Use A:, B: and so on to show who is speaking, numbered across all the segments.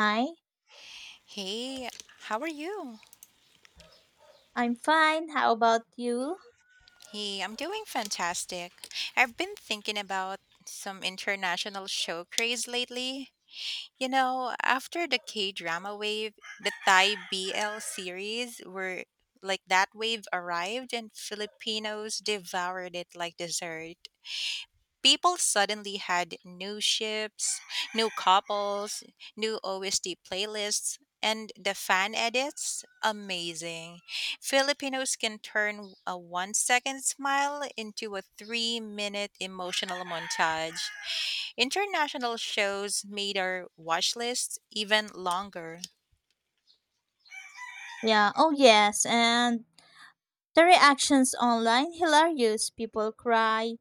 A: Hi,
B: Hey, how are you?
A: I'm fine. How about you?
B: Hey, I'm doing fantastic. I've been thinking about some international show craze lately. You know, after the K drama wave, the Thai BL series were like that wave arrived and Filipinos devoured it like dessert. People suddenly had new ships, new couples, new OST playlists, and the fan edits. Amazing. Filipinos can turn a 1 second smile into a 3 minute emotional montage. International shows made our watch lists even longer.
A: Yeah, oh yes, and the reactions online hilarious. People cry,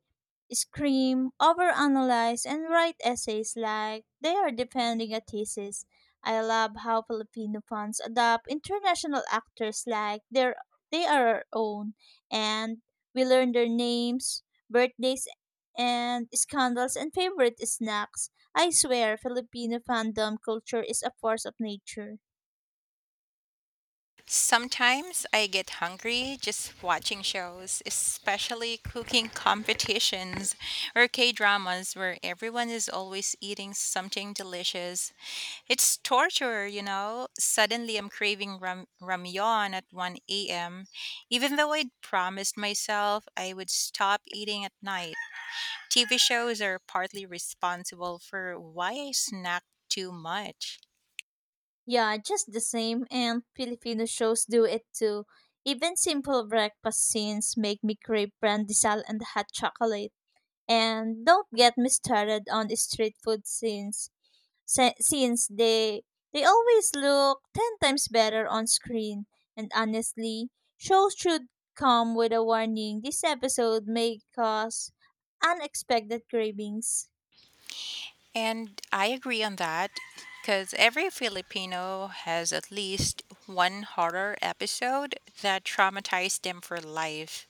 A: scream, overanalyze, and write essays like they are defending a thesis. I love how Filipino fans adopt international actors like they are our own, and we learn their names, birthdays, and scandals and favorite snacks. I swear, Filipino fandom culture is a force of nature.
B: Sometimes I get hungry just watching shows, especially cooking competitions or K dramas where everyone is always eating something delicious. It's torture, you know? Suddenly I'm craving ramyeon at 1 a.m., even though I'd promised myself I would stop eating at night. TV shows are partly responsible for why I snack too much.
A: Yeah, just the same, and Filipino shows do it too. Even simple breakfast scenes make me crave pandesal and hot chocolate. And don't get me started on the street food scenes, since they always look ten times better on screen. And honestly, shows should come with a warning. This episode may cause unexpected cravings.
B: And I agree on that because every Filipino has at least one horror episode that traumatized them for life.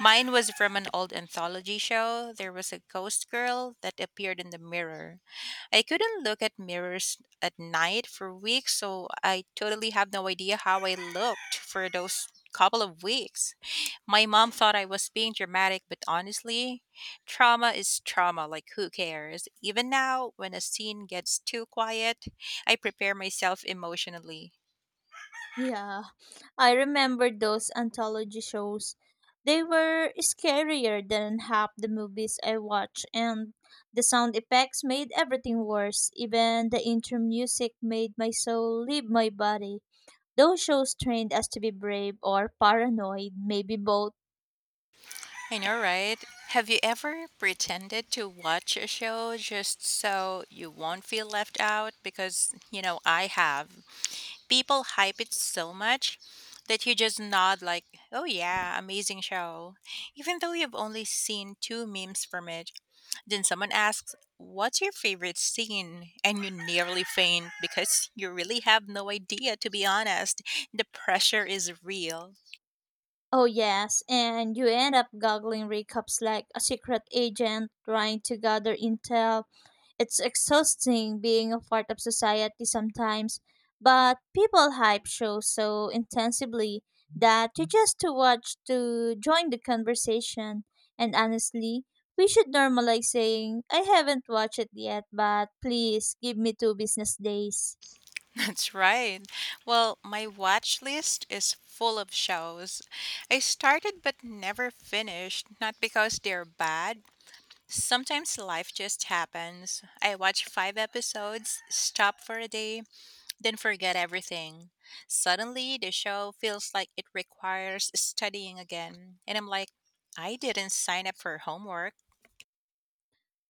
B: Mine was from an old anthology show. There was a ghost girl that appeared in the mirror. I couldn't look at mirrors at night for weeks, so I totally have no idea how I looked for those couple of weeks. My mom thought I was being dramatic, but honestly, trauma is trauma, like who cares? Even now, when a scene gets too quiet, I prepare myself emotionally.
A: Yeah, I remember those anthology shows. They were scarier than half the movies I watched, and the sound effects made everything worse. Even the intro music made my soul leave my body. Those shows trained us to be brave or paranoid, maybe both.
B: I know, right? Have you ever pretended to watch a show just so you won't feel left out? Because, you know, I have. People hype it so much that you just nod, like, oh yeah, amazing show, even though you've only seen two memes from it. Then someone asks, what's your favorite scene? And you nearly faint because you really have no idea, to be honest. The pressure is real.
A: Oh, yes, and you end up goggling recaps like a secret agent trying to gather intel. It's exhausting being a part of society sometimes, but people hype shows so intensively that you just to watch to join the conversation. And honestly, we should normalize saying, I haven't watched it yet, but please give me two business days.
B: That's right. Well, my watch list is full of shows I started but never finished, not because they're bad. Sometimes life just happens. I watch five episodes, stop for a day, then forget everything. Suddenly, the show feels like it requires studying again. And I'm like, I didn't sign up for homework.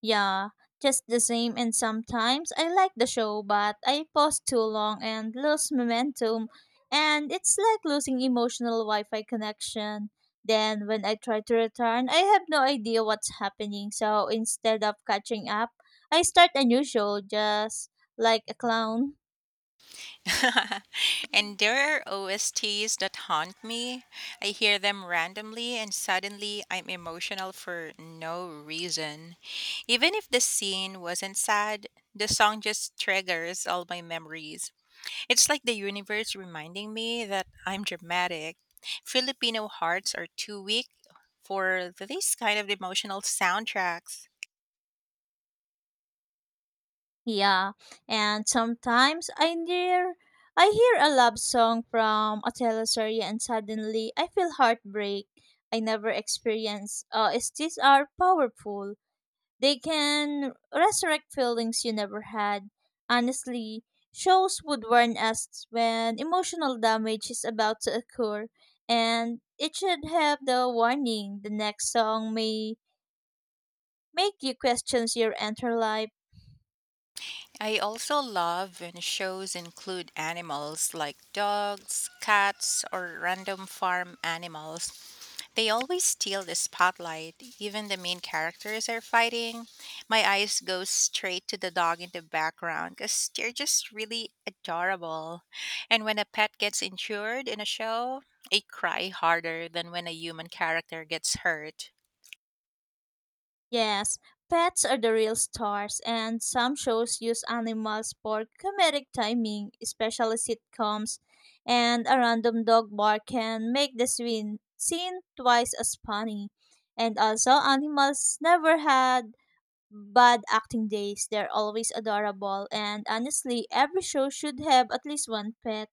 A: Yeah, just the same. And sometimes I like the show, but I pause too long and lose momentum. And it's like losing emotional Wi Fi connection. Then, when I try to return, I have no idea what's happening. So, instead of catching up, I start a new show just like a clown.
B: And there are OSTs that haunt me. I hear them randomly, and suddenly I'm emotional for no reason. Even if the scene wasn't sad, the song just triggers all my memories. It's like the universe reminding me that I'm dramatic. Filipino hearts are too weak for this kind of emotional soundtracks.
A: Yeah, and sometimes I hear a love song from a teleserye and suddenly I feel heartbreak I never experienced. STs are powerful. They can resurrect feelings you never had. Honestly, shows would warn us when emotional damage is about to occur, and it should have the warning. The next song may make you question your entire life.
B: I also love when shows include animals like dogs, cats, or random farm animals. They always steal the spotlight. Even the main characters are fighting. My eyes go straight to the dog in the background because they're just really adorable. And when a pet gets injured in a show, I cry harder than when a human character gets hurt.
A: Yes, pets are the real stars, and some shows use animals for comedic timing, especially sitcoms, and a random dog bark can make the scene twice as funny. And also, animals never had bad acting days, they're always adorable, and honestly, every show should have at least one pet.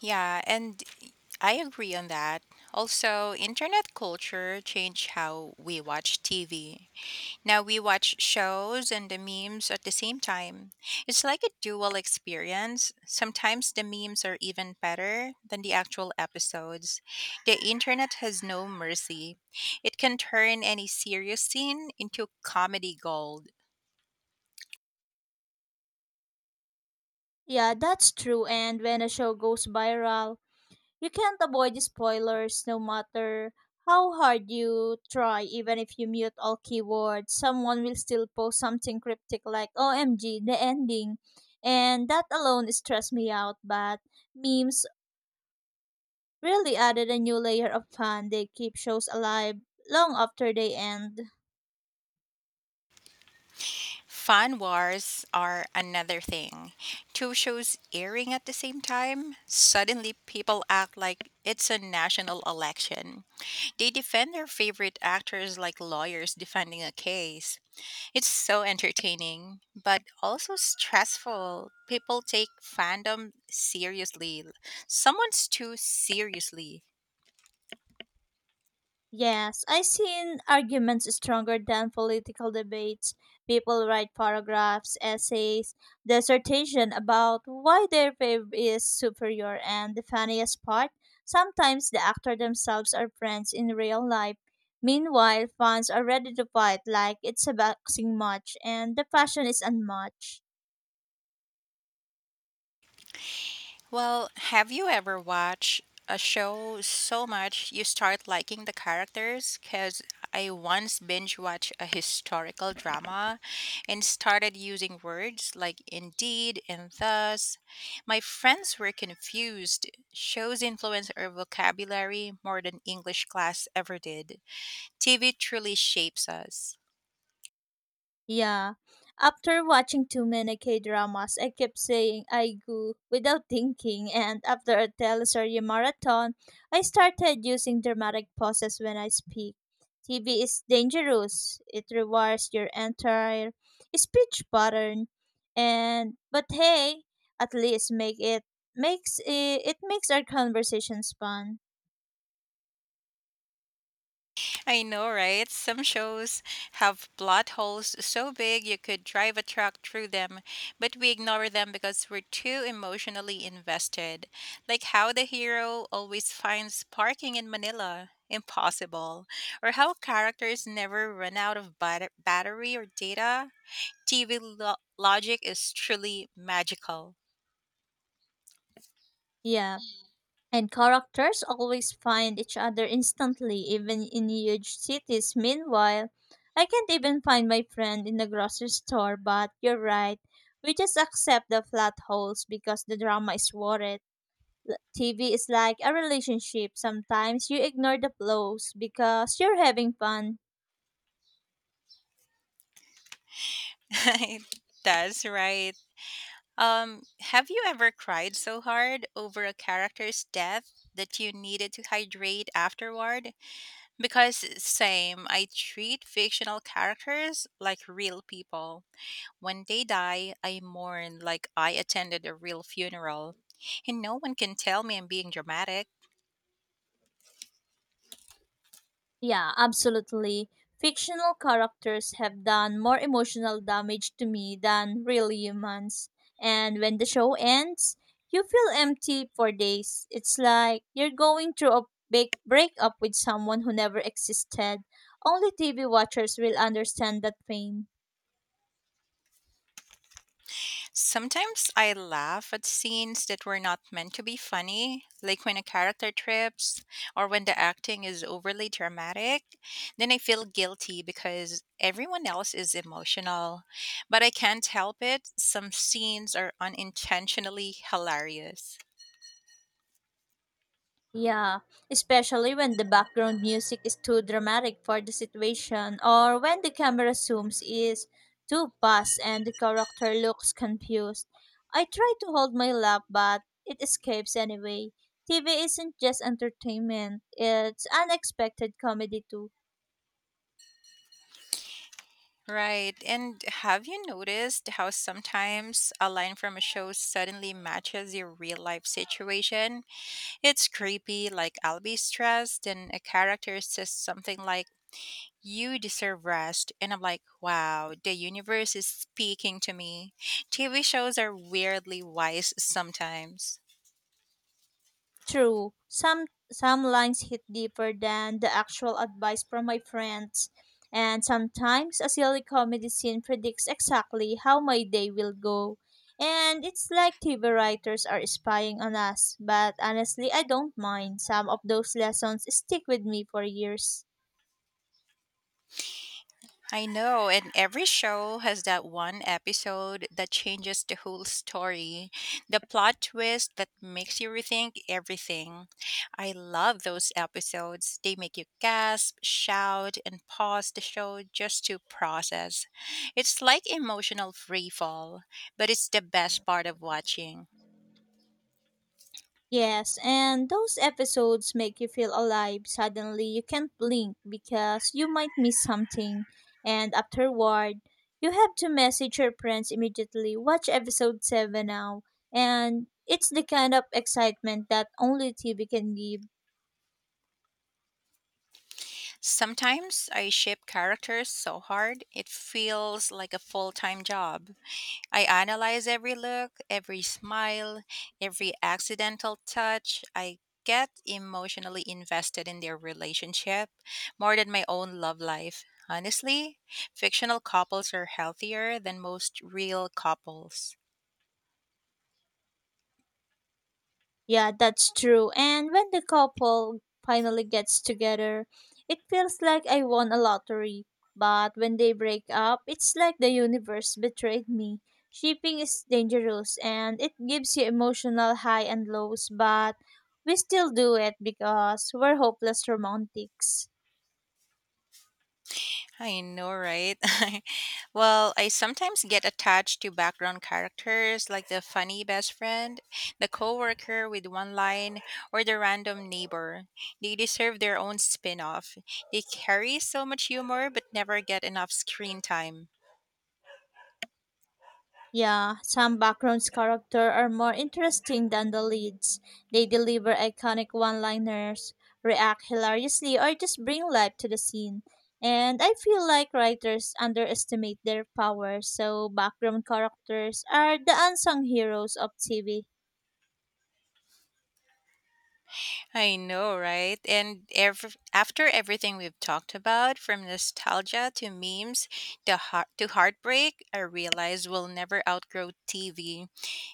B: Yeah, and I agree on that. Also, internet culture changed how we watch TV. Now we watch shows and the memes at the same time. It's like a dual experience. Sometimes the memes are even better than the actual episodes. The internet has no mercy. It can turn any serious scene into comedy gold.
A: Yeah, that's true, and when a show goes viral, you can't avoid spoilers no matter how hard you try, even if you mute all keywords, someone will still post something cryptic like OMG, the ending. And that alone stressed me out, but memes really added a new layer of fun. They keep shows alive long after they end.
B: Fan wars are another thing. Two shows airing at the same time, suddenly people act like it's a national election. They defend their favorite actors like lawyers defending a case. It's so entertaining, but also stressful. People take fandom seriously. Someone's too seriously.
A: Yes, I've seen arguments stronger than political debates. People write paragraphs, essays, dissertation about why their fav is superior, and the funniest part, sometimes the actor themselves are friends in real life. Meanwhile, fans are ready to fight like it's a boxing match, and the passion is unmatched.
B: Well, have you ever watched a show so much you start liking the characters? Because I once binge watched a historical drama and started using words like indeed and thus. My friends were confused. Shows influence our vocabulary more than English class ever did. TV truly shapes us.
A: Yeah. After watching too many K dramas, I kept saying I go without thinking, and after a teleserie marathon, I started using dramatic pauses when I speak. TV is dangerous. It rewires your entire speech pattern, and but hey, at least make it makes it, it makes our conversations fun.
B: I know, right? Some shows have plot holes so big you could drive a truck through them, but we ignore them because we're too emotionally invested. Like how the hero always finds parking in Manila impossible, or how characters never run out of battery or data. TV logic is truly magical.
A: Yeah. And characters always find each other instantly, even in huge cities. Meanwhile, I can't even find my friend in the grocery store, but you're right. We just accept the flat holes because the drama is worth it. TV is like a relationship. Sometimes you ignore the blows because you're having fun.
B: That's right. Have you ever cried so hard over a character's death that you needed to hydrate afterward? Because same, I treat fictional characters like real people. When they die, I mourn like I attended a real funeral. And no one can tell me I'm being dramatic.
A: Yeah, absolutely. Fictional characters have done more emotional damage to me than real humans. And when the show ends, you feel empty for days. It's like you're going through a big breakup with someone who never existed. Only TV watchers will understand that pain.
B: Sometimes I laugh at scenes that were not meant to be funny, like when a character trips or when the acting is overly dramatic. Then I feel guilty because everyone else is emotional, but I can't help it. Some scenes are unintentionally hilarious.
A: Yeah, especially when the background music is too dramatic for the situation or when the camera zooms is too fast and the character looks confused. I try to hold my laugh but it escapes anyway. TV isn't just entertainment, it's unexpected comedy too.
B: Right. And have you noticed how sometimes a line from a show suddenly matches your real life situation? It's creepy, like I'll be stressed, and a character says something like, you deserve rest. And I'm like, wow, the universe is speaking to me. TV shows are weirdly wise sometimes.
A: True, some lines hit deeper than the actual advice from my friends, and sometimes a silly comedy scene predicts exactly how my day will go. And it's like TV writers are spying on us, but honestly, I don't mind. Some of those lessons stick with me for years.
B: I know, and every show has that one episode that changes the whole story, the plot twist that makes you rethink everything. I love those episodes. They make you gasp, shout, and pause the show just to process. It's like emotional free fall, but it's the best part of watching.
A: Yes, and those episodes make you feel alive. Suddenly, you can't blink because you might miss something. And afterward, you have to message your friends immediately. Watch episode 7 now. And it's the kind of excitement that only TV can give.
B: Sometimes I ship characters so hard, it feels like a full time job. I analyze every look, every smile, every accidental touch. I get emotionally invested in their relationship more than my own love life. Honestly, fictional couples are healthier than most real couples.
A: Yeah, that's true. And when the couple finally gets together, it feels like I won a lottery. But when they break up, it's like the universe betrayed me. Shipping is dangerous and it gives you emotional high and lows, but we still do it because we're hopeless romantics.
B: I know, right? Well, I sometimes get attached to background characters like the funny best friend, the coworker with one line, or the random neighbor. They deserve their own spin off. They carry so much humor but never get enough screen time.
A: Yeah, some backgrounds character are more interesting than the leads. They deliver iconic one-liners, react hilariously, or just bring life to the scene. And I feel like writers underestimate their power, so background characters are the unsung heroes of TV.
B: I know, right? And after everything we've talked about, from nostalgia to memes to, heartbreak, I realize we'll never outgrow TV.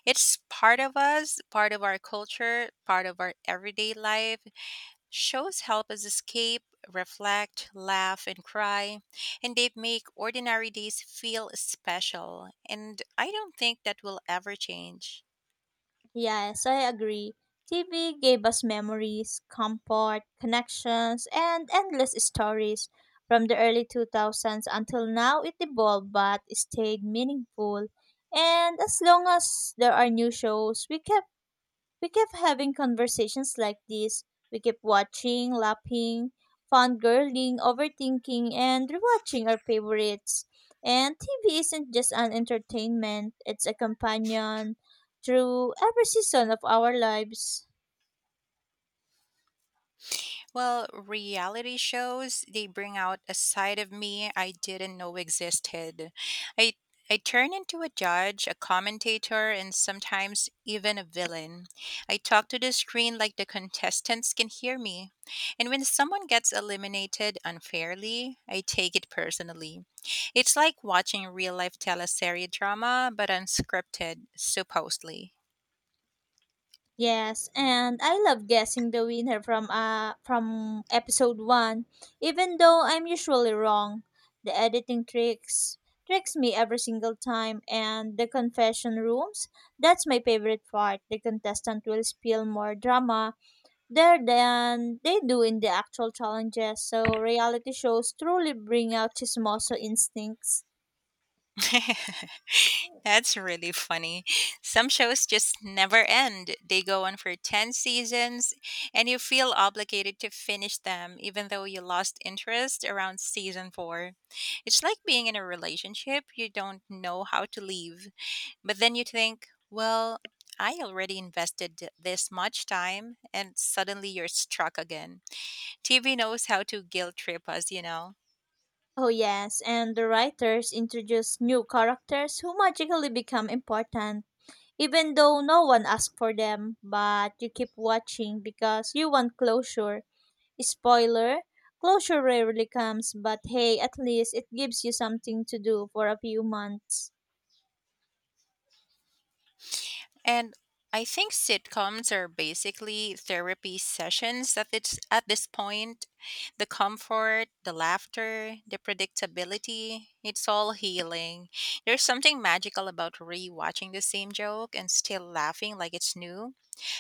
B: It's part of us, part of our culture, part of our everyday life. Shows help us escape, reflect, laugh, and cry, and they make ordinary days feel special. And I don't think that will ever change.
A: Yes, I agree. TV gave us memories, comfort, connections, and endless stories. From the early 2000s until now, it evolved but stayed meaningful. And as long as there are new shows, we kept having conversations like this. We kept watching, laughing, fangirling, overthinking, and rewatching our favorites. And TV isn't just an entertainment, it's a companion through every season of our lives.
B: Well, reality shows, they bring out a side of me I didn't know existed. I I turn into a judge, a commentator, and sometimes even a villain. I talk to the screen like the contestants can hear me. And when someone gets eliminated unfairly, I take it personally. It's like watching real life teleserie drama, but unscripted, supposedly.
A: Yes, and I love guessing the winner from episode 1, even though I'm usually wrong. The editing tricks me every single time and the confession rooms, that's my favorite part. The contestant will spill more drama there than they do in the actual challenges. So reality shows truly bring out chismoso instincts.
B: That's really funny. Some shows just never end. They go on for 10 seasons, and you feel obligated to finish them, even though you lost interest around season four. It's like being in a relationship you don't know how to leave, but then you think, well, I already invested this much time, and suddenly you're struck again. TV knows how to guilt trip us, you know?
A: Oh yes, and the writers introduce new characters who magically become important, even though no one asked for them, but you keep watching because you want closure. Spoiler, closure rarely comes, but hey, at least it gives you something to do for a few months.
B: And I think sitcoms are basically therapy sessions at this point. The comfort, the laughter, the predictability, it's all healing. There's something magical about rewatching the same joke and still laughing like it's new.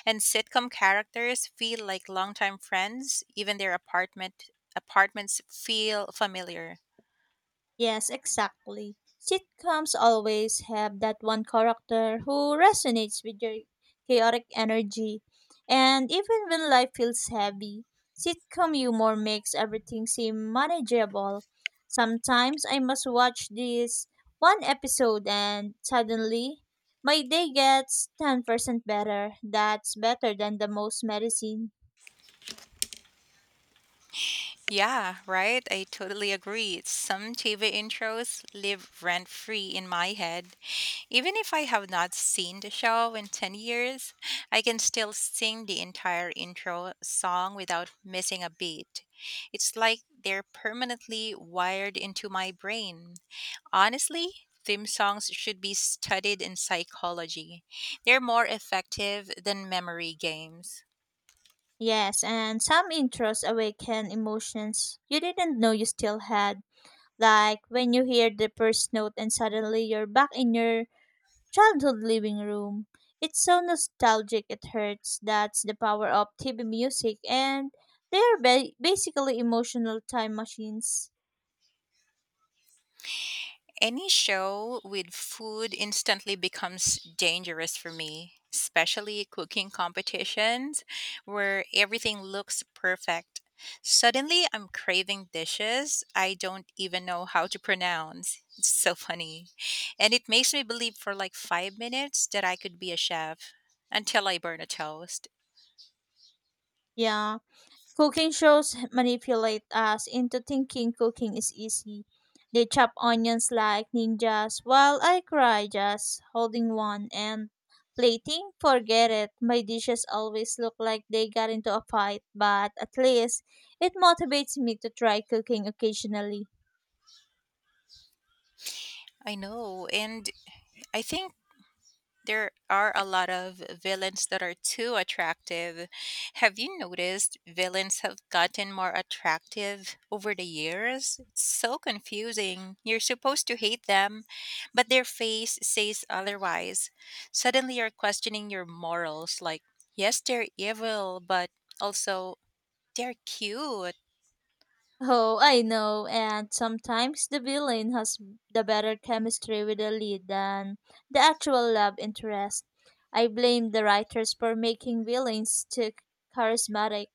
B: And sitcom characters feel like longtime friends, even their apartments feel familiar.
A: Yes, exactly. Sitcoms always have that one character who resonates with your chaotic energy. And even when life feels heavy, sitcom humor makes everything seem manageable. Sometimes I must watch this one episode and suddenly my day gets 10% better. That's better than the most medicine.
B: Yeah, right. I totally agree. Some TV intros live rent free in my head. Even if I have not seen the show in 10 years, I can still sing the entire intro song without missing a beat. It's like they're permanently wired into my brain. Honestly, theme songs should be studied in psychology. They're more effective than memory games.
A: Yes, and some intros awaken emotions you didn't know you still had. Like when you hear the first note and suddenly you're back in your childhood living room. It's so nostalgic it hurts. That's the power of TV music and they're basically emotional time machines.
B: Any show with food instantly becomes dangerous for me, especially cooking competitions where everything looks perfect. Suddenly, I'm craving dishes I don't even know how to pronounce. It's so funny. And it makes me believe for like 5 minutes that I could be a chef until I burn a toast.
A: Yeah. Cooking shows manipulate us into thinking cooking is easy. They chop onions like ninjas while I cry just holding one and plating. Forget it. My dishes always look like they got into a fight, but at least it motivates me to try cooking occasionally.
B: I know. And I think there are a lot of villains that are too attractive. Have you noticed villains have gotten more attractive over the years? It's so confusing. You're supposed to hate them, but their face says otherwise. Suddenly you're questioning your morals like, yes, they're evil, but also they're cute.
A: Oh, I know, and sometimes the villain has the better chemistry with the lead than the actual love interest. I blame the writers for making villains too charismatic,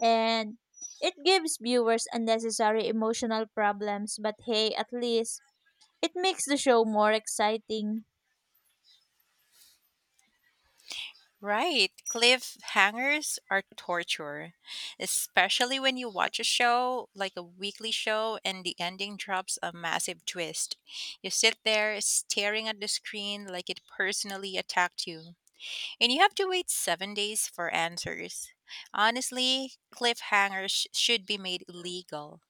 A: and it gives viewers unnecessary emotional problems, but hey, at least it makes the show more exciting.
B: Right. Cliffhangers are torture, especially when you watch a show like a weekly show and the ending drops a massive twist. You sit there staring at the screen like it personally attacked you, and you have to wait 7 days for answers. Honestly, cliffhangers should be made illegal.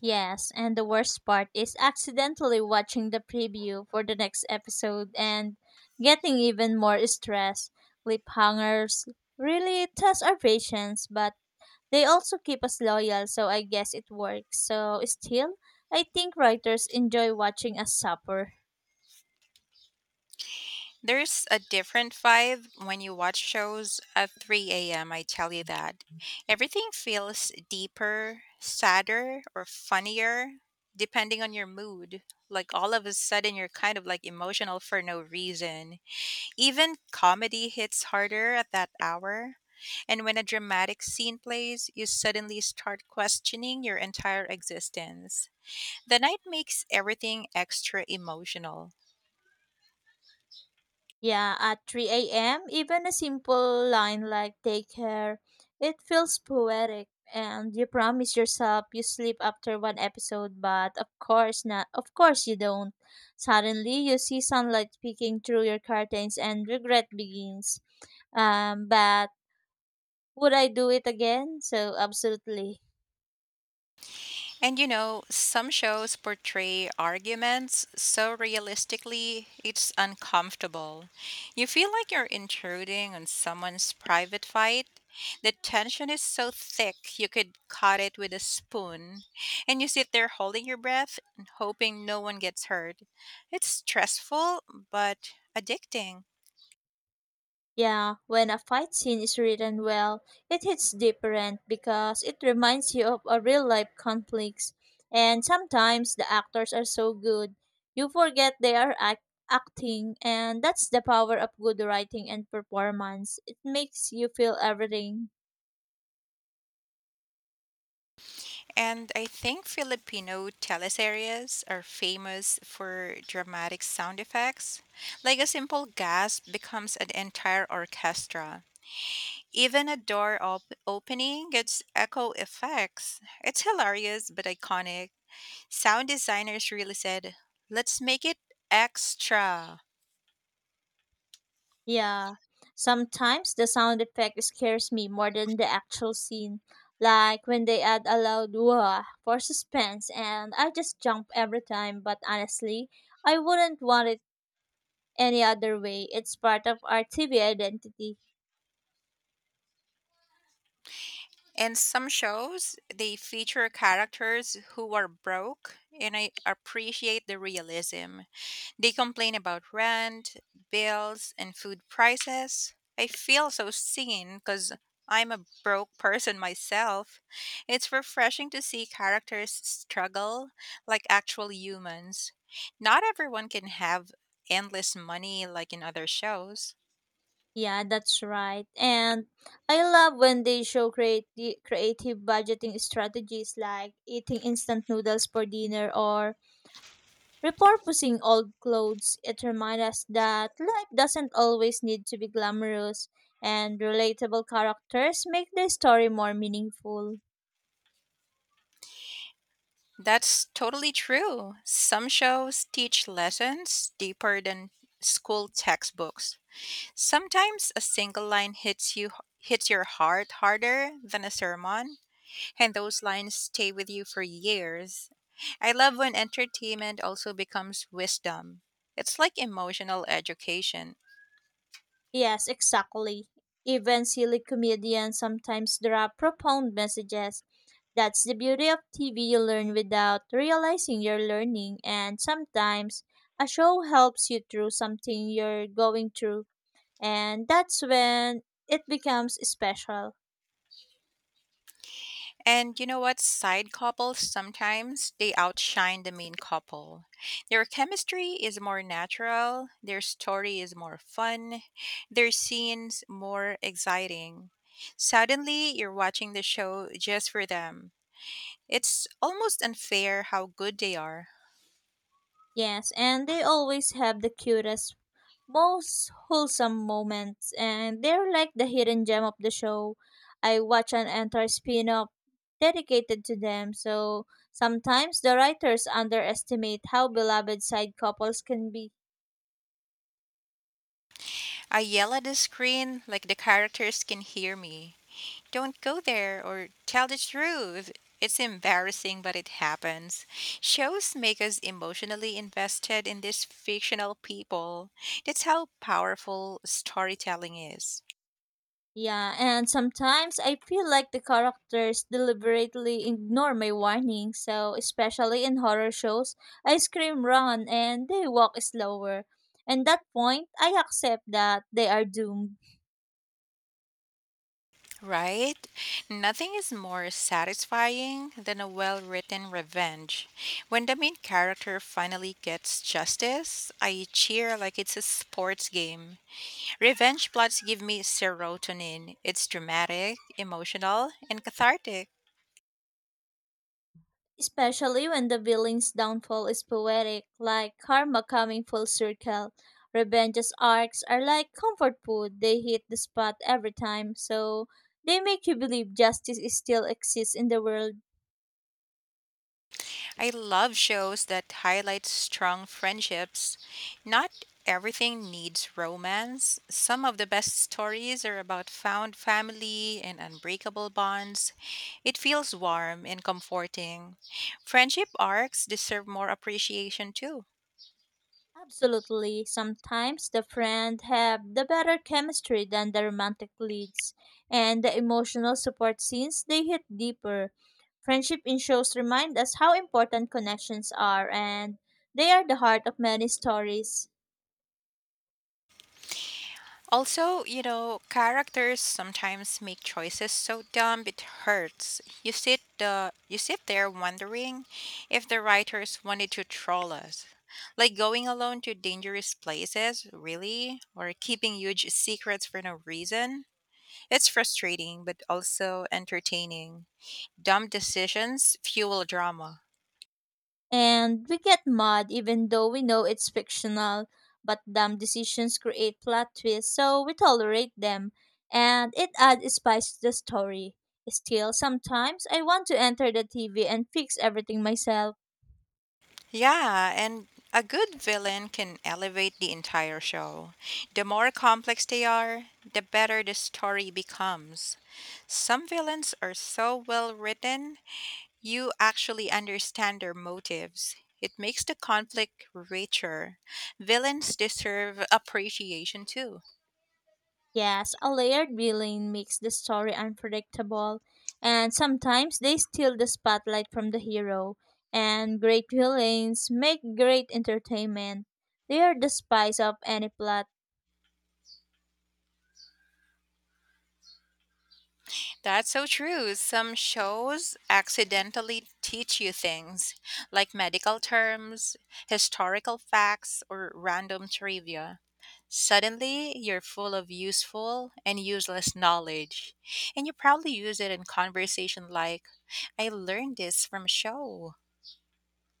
A: Yes, and the worst part is accidentally watching the preview for the next episode and getting even more stressed. Lip hangers really test our patience, but they also keep us loyal, so I guess it works. So, still, I think writers enjoy watching us suffer.
B: There's a different vibe when you watch shows at 3 a.m., I tell you that. Everything feels deeper, sadder, or funnier, depending on your mood. Like all of a sudden, you're kind of like emotional for no reason. Even comedy hits harder at that hour. And when a dramatic scene plays, you suddenly start questioning your entire existence. The night makes everything extra emotional.
A: Yeah, at 3 a.m., even a simple line like take care, it feels poetic. And you promise yourself you sleep after one episode, but of course not. Of course you don't. Suddenly, you see sunlight peeking through your curtains and regret begins. But would I do it again? So, absolutely.
B: And you know, some shows portray arguments so realistically, it's uncomfortable. You feel like you're intruding on someone's private fight. The tension is so thick, you could cut it with a spoon. And you sit there holding your breath and hoping no one gets hurt. It's stressful, but addicting.
A: Yeah, when a fight scene is written well, it hits different because it reminds you of a real life conflicts. And sometimes the actors are so good, you forget they are acting, and that's the power of good writing and performance. It makes you feel everything.
B: And I think Filipino teleseries are famous for dramatic sound effects. Like a simple gasp becomes an entire orchestra. Even a door opening gets echo effects. It's hilarious but iconic. Sound designers really said, let's make it extra.
A: Yeah, sometimes the sound effect scares me more than the actual scene. Like when they add a loud wah for suspense, and I just jump every time. But honestly, I wouldn't want it any other way. It's part of our TV identity.
B: In some shows, they feature characters who are broke, and I appreciate the realism. They complain about rent, bills, and food prices. I feel so seen because I'm a broke person myself. It's refreshing to see characters struggle like actual humans. Not everyone can have endless money like in other shows.
A: Yeah, that's right. And I love when they show creative budgeting strategies like eating instant noodles for dinner or repurposing old clothes, it reminds us that life doesn't always need to be glamorous, and relatable characters make the story more meaningful.
B: That's totally true. Some shows teach lessons deeper than school textbooks. Sometimes a single line hits your heart harder than a sermon. And those lines stay with you for years. I love when entertainment also becomes wisdom. It's like emotional education.
A: Yes, exactly. Even silly comedians sometimes drop profound messages. That's the beauty of TV, you learn without realizing you're learning, and sometimes a show helps you through something you're going through, and that's when it becomes special.
B: And you know what? Side couples sometimes they outshine the main couple. Their chemistry is more natural, their story is more fun, their scenes more exciting. Suddenly, you're watching the show just for them. It's almost unfair how good they are.
A: Yes, and they always have the cutest, most wholesome moments, and they're like the hidden gem of the show. I watch an entire spin off dedicated to them, so sometimes the writers underestimate how beloved side couples can be.
B: I yell at the screen like the characters can hear me. Don't go there or tell the truth. It's embarrassing, but it happens. Shows make us emotionally invested in these fictional people. That's how powerful storytelling is,
A: Yeah, and sometimes I feel like the characters deliberately ignore my warning. So, especially in horror shows, I scream run and they walk slower. And that point, I accept that they are doomed.
B: right? Nothing is more satisfying than a well written revenge. When the main character finally gets justice, I cheer like it's a sports game. Revenge plots give me serotonin. It's dramatic, emotional, and cathartic.
A: Especially when the villain's downfall is poetic, like karma coming full circle. Revenge's arcs are like comfort food, they hit the spot every time. So, they make you believe justice is still exists in the world.
B: I love shows that highlight strong friendships. Not everything needs romance. Some of the best stories are about found family and unbreakable bonds. It feels warm and comforting. Friendship arcs deserve more appreciation too.
A: Absolutely. Sometimes the friends have the better chemistry than the romantic leads, and the emotional support scenes they hit deeper. Friendship in shows remind us how important connections are, and they are the heart of many stories.
B: Also, you know, characters sometimes make choices so dumb it hurts. You sit there wondering if the writers wanted to troll us. Like going alone to dangerous places, really? Or keeping huge secrets for no reason? It's frustrating but also entertaining. Dumb decisions fuel drama.
A: And we get mad even though we know it's fictional, but dumb decisions create plot twists, so we tolerate them. And it adds spice to the story. Still, sometimes I want to enter the TV and fix everything myself.
B: Yeah, and a good villain can elevate the entire show. The more complex they are, the better the story becomes. Some villains are so well written, you actually understand their motives. It makes the conflict richer. Villains deserve appreciation too.
A: Yes, a layered villain makes the story unpredictable, and sometimes they steal the spotlight from the hero. And great villains make great entertainment. They are the spice of any plot.
B: That's so true. Some shows accidentally teach you things like medical terms, historical facts, or random trivia. Suddenly, you're full of useful and useless knowledge, and you probably use it in conversation like, I learned this from a show.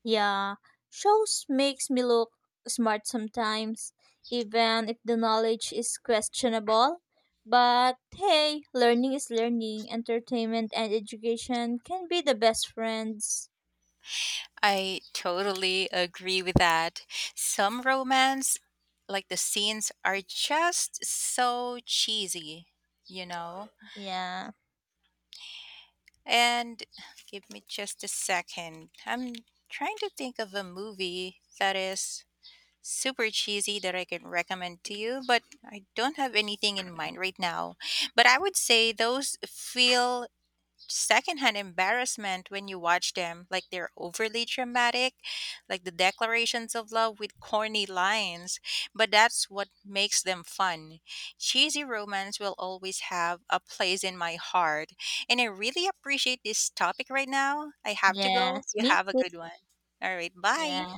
A: Yeah, shows makes me look smart sometimes, even if the knowledge is questionable. But hey, learning is learning. Entertainment and education can be the best friends.
B: I totally agree with that. Some romance, like the scenes, are just so cheesy, you know?
A: Yeah.
B: And give me just a second. I'm trying to think of a movie that is super cheesy that I can recommend to you, but I don't have anything in mind right now. But I would say those feel secondhand embarrassment when you watch them like they're overly dramatic, like the declarations of love with corny lines, but that's what makes them fun. Cheesy romance will always have a place in my heart, and I really appreciate this topic. Right now I have to go.
A: Yes,
B: You
A: me
B: have a
A: too.
B: good one. All right, bye.
A: Yeah.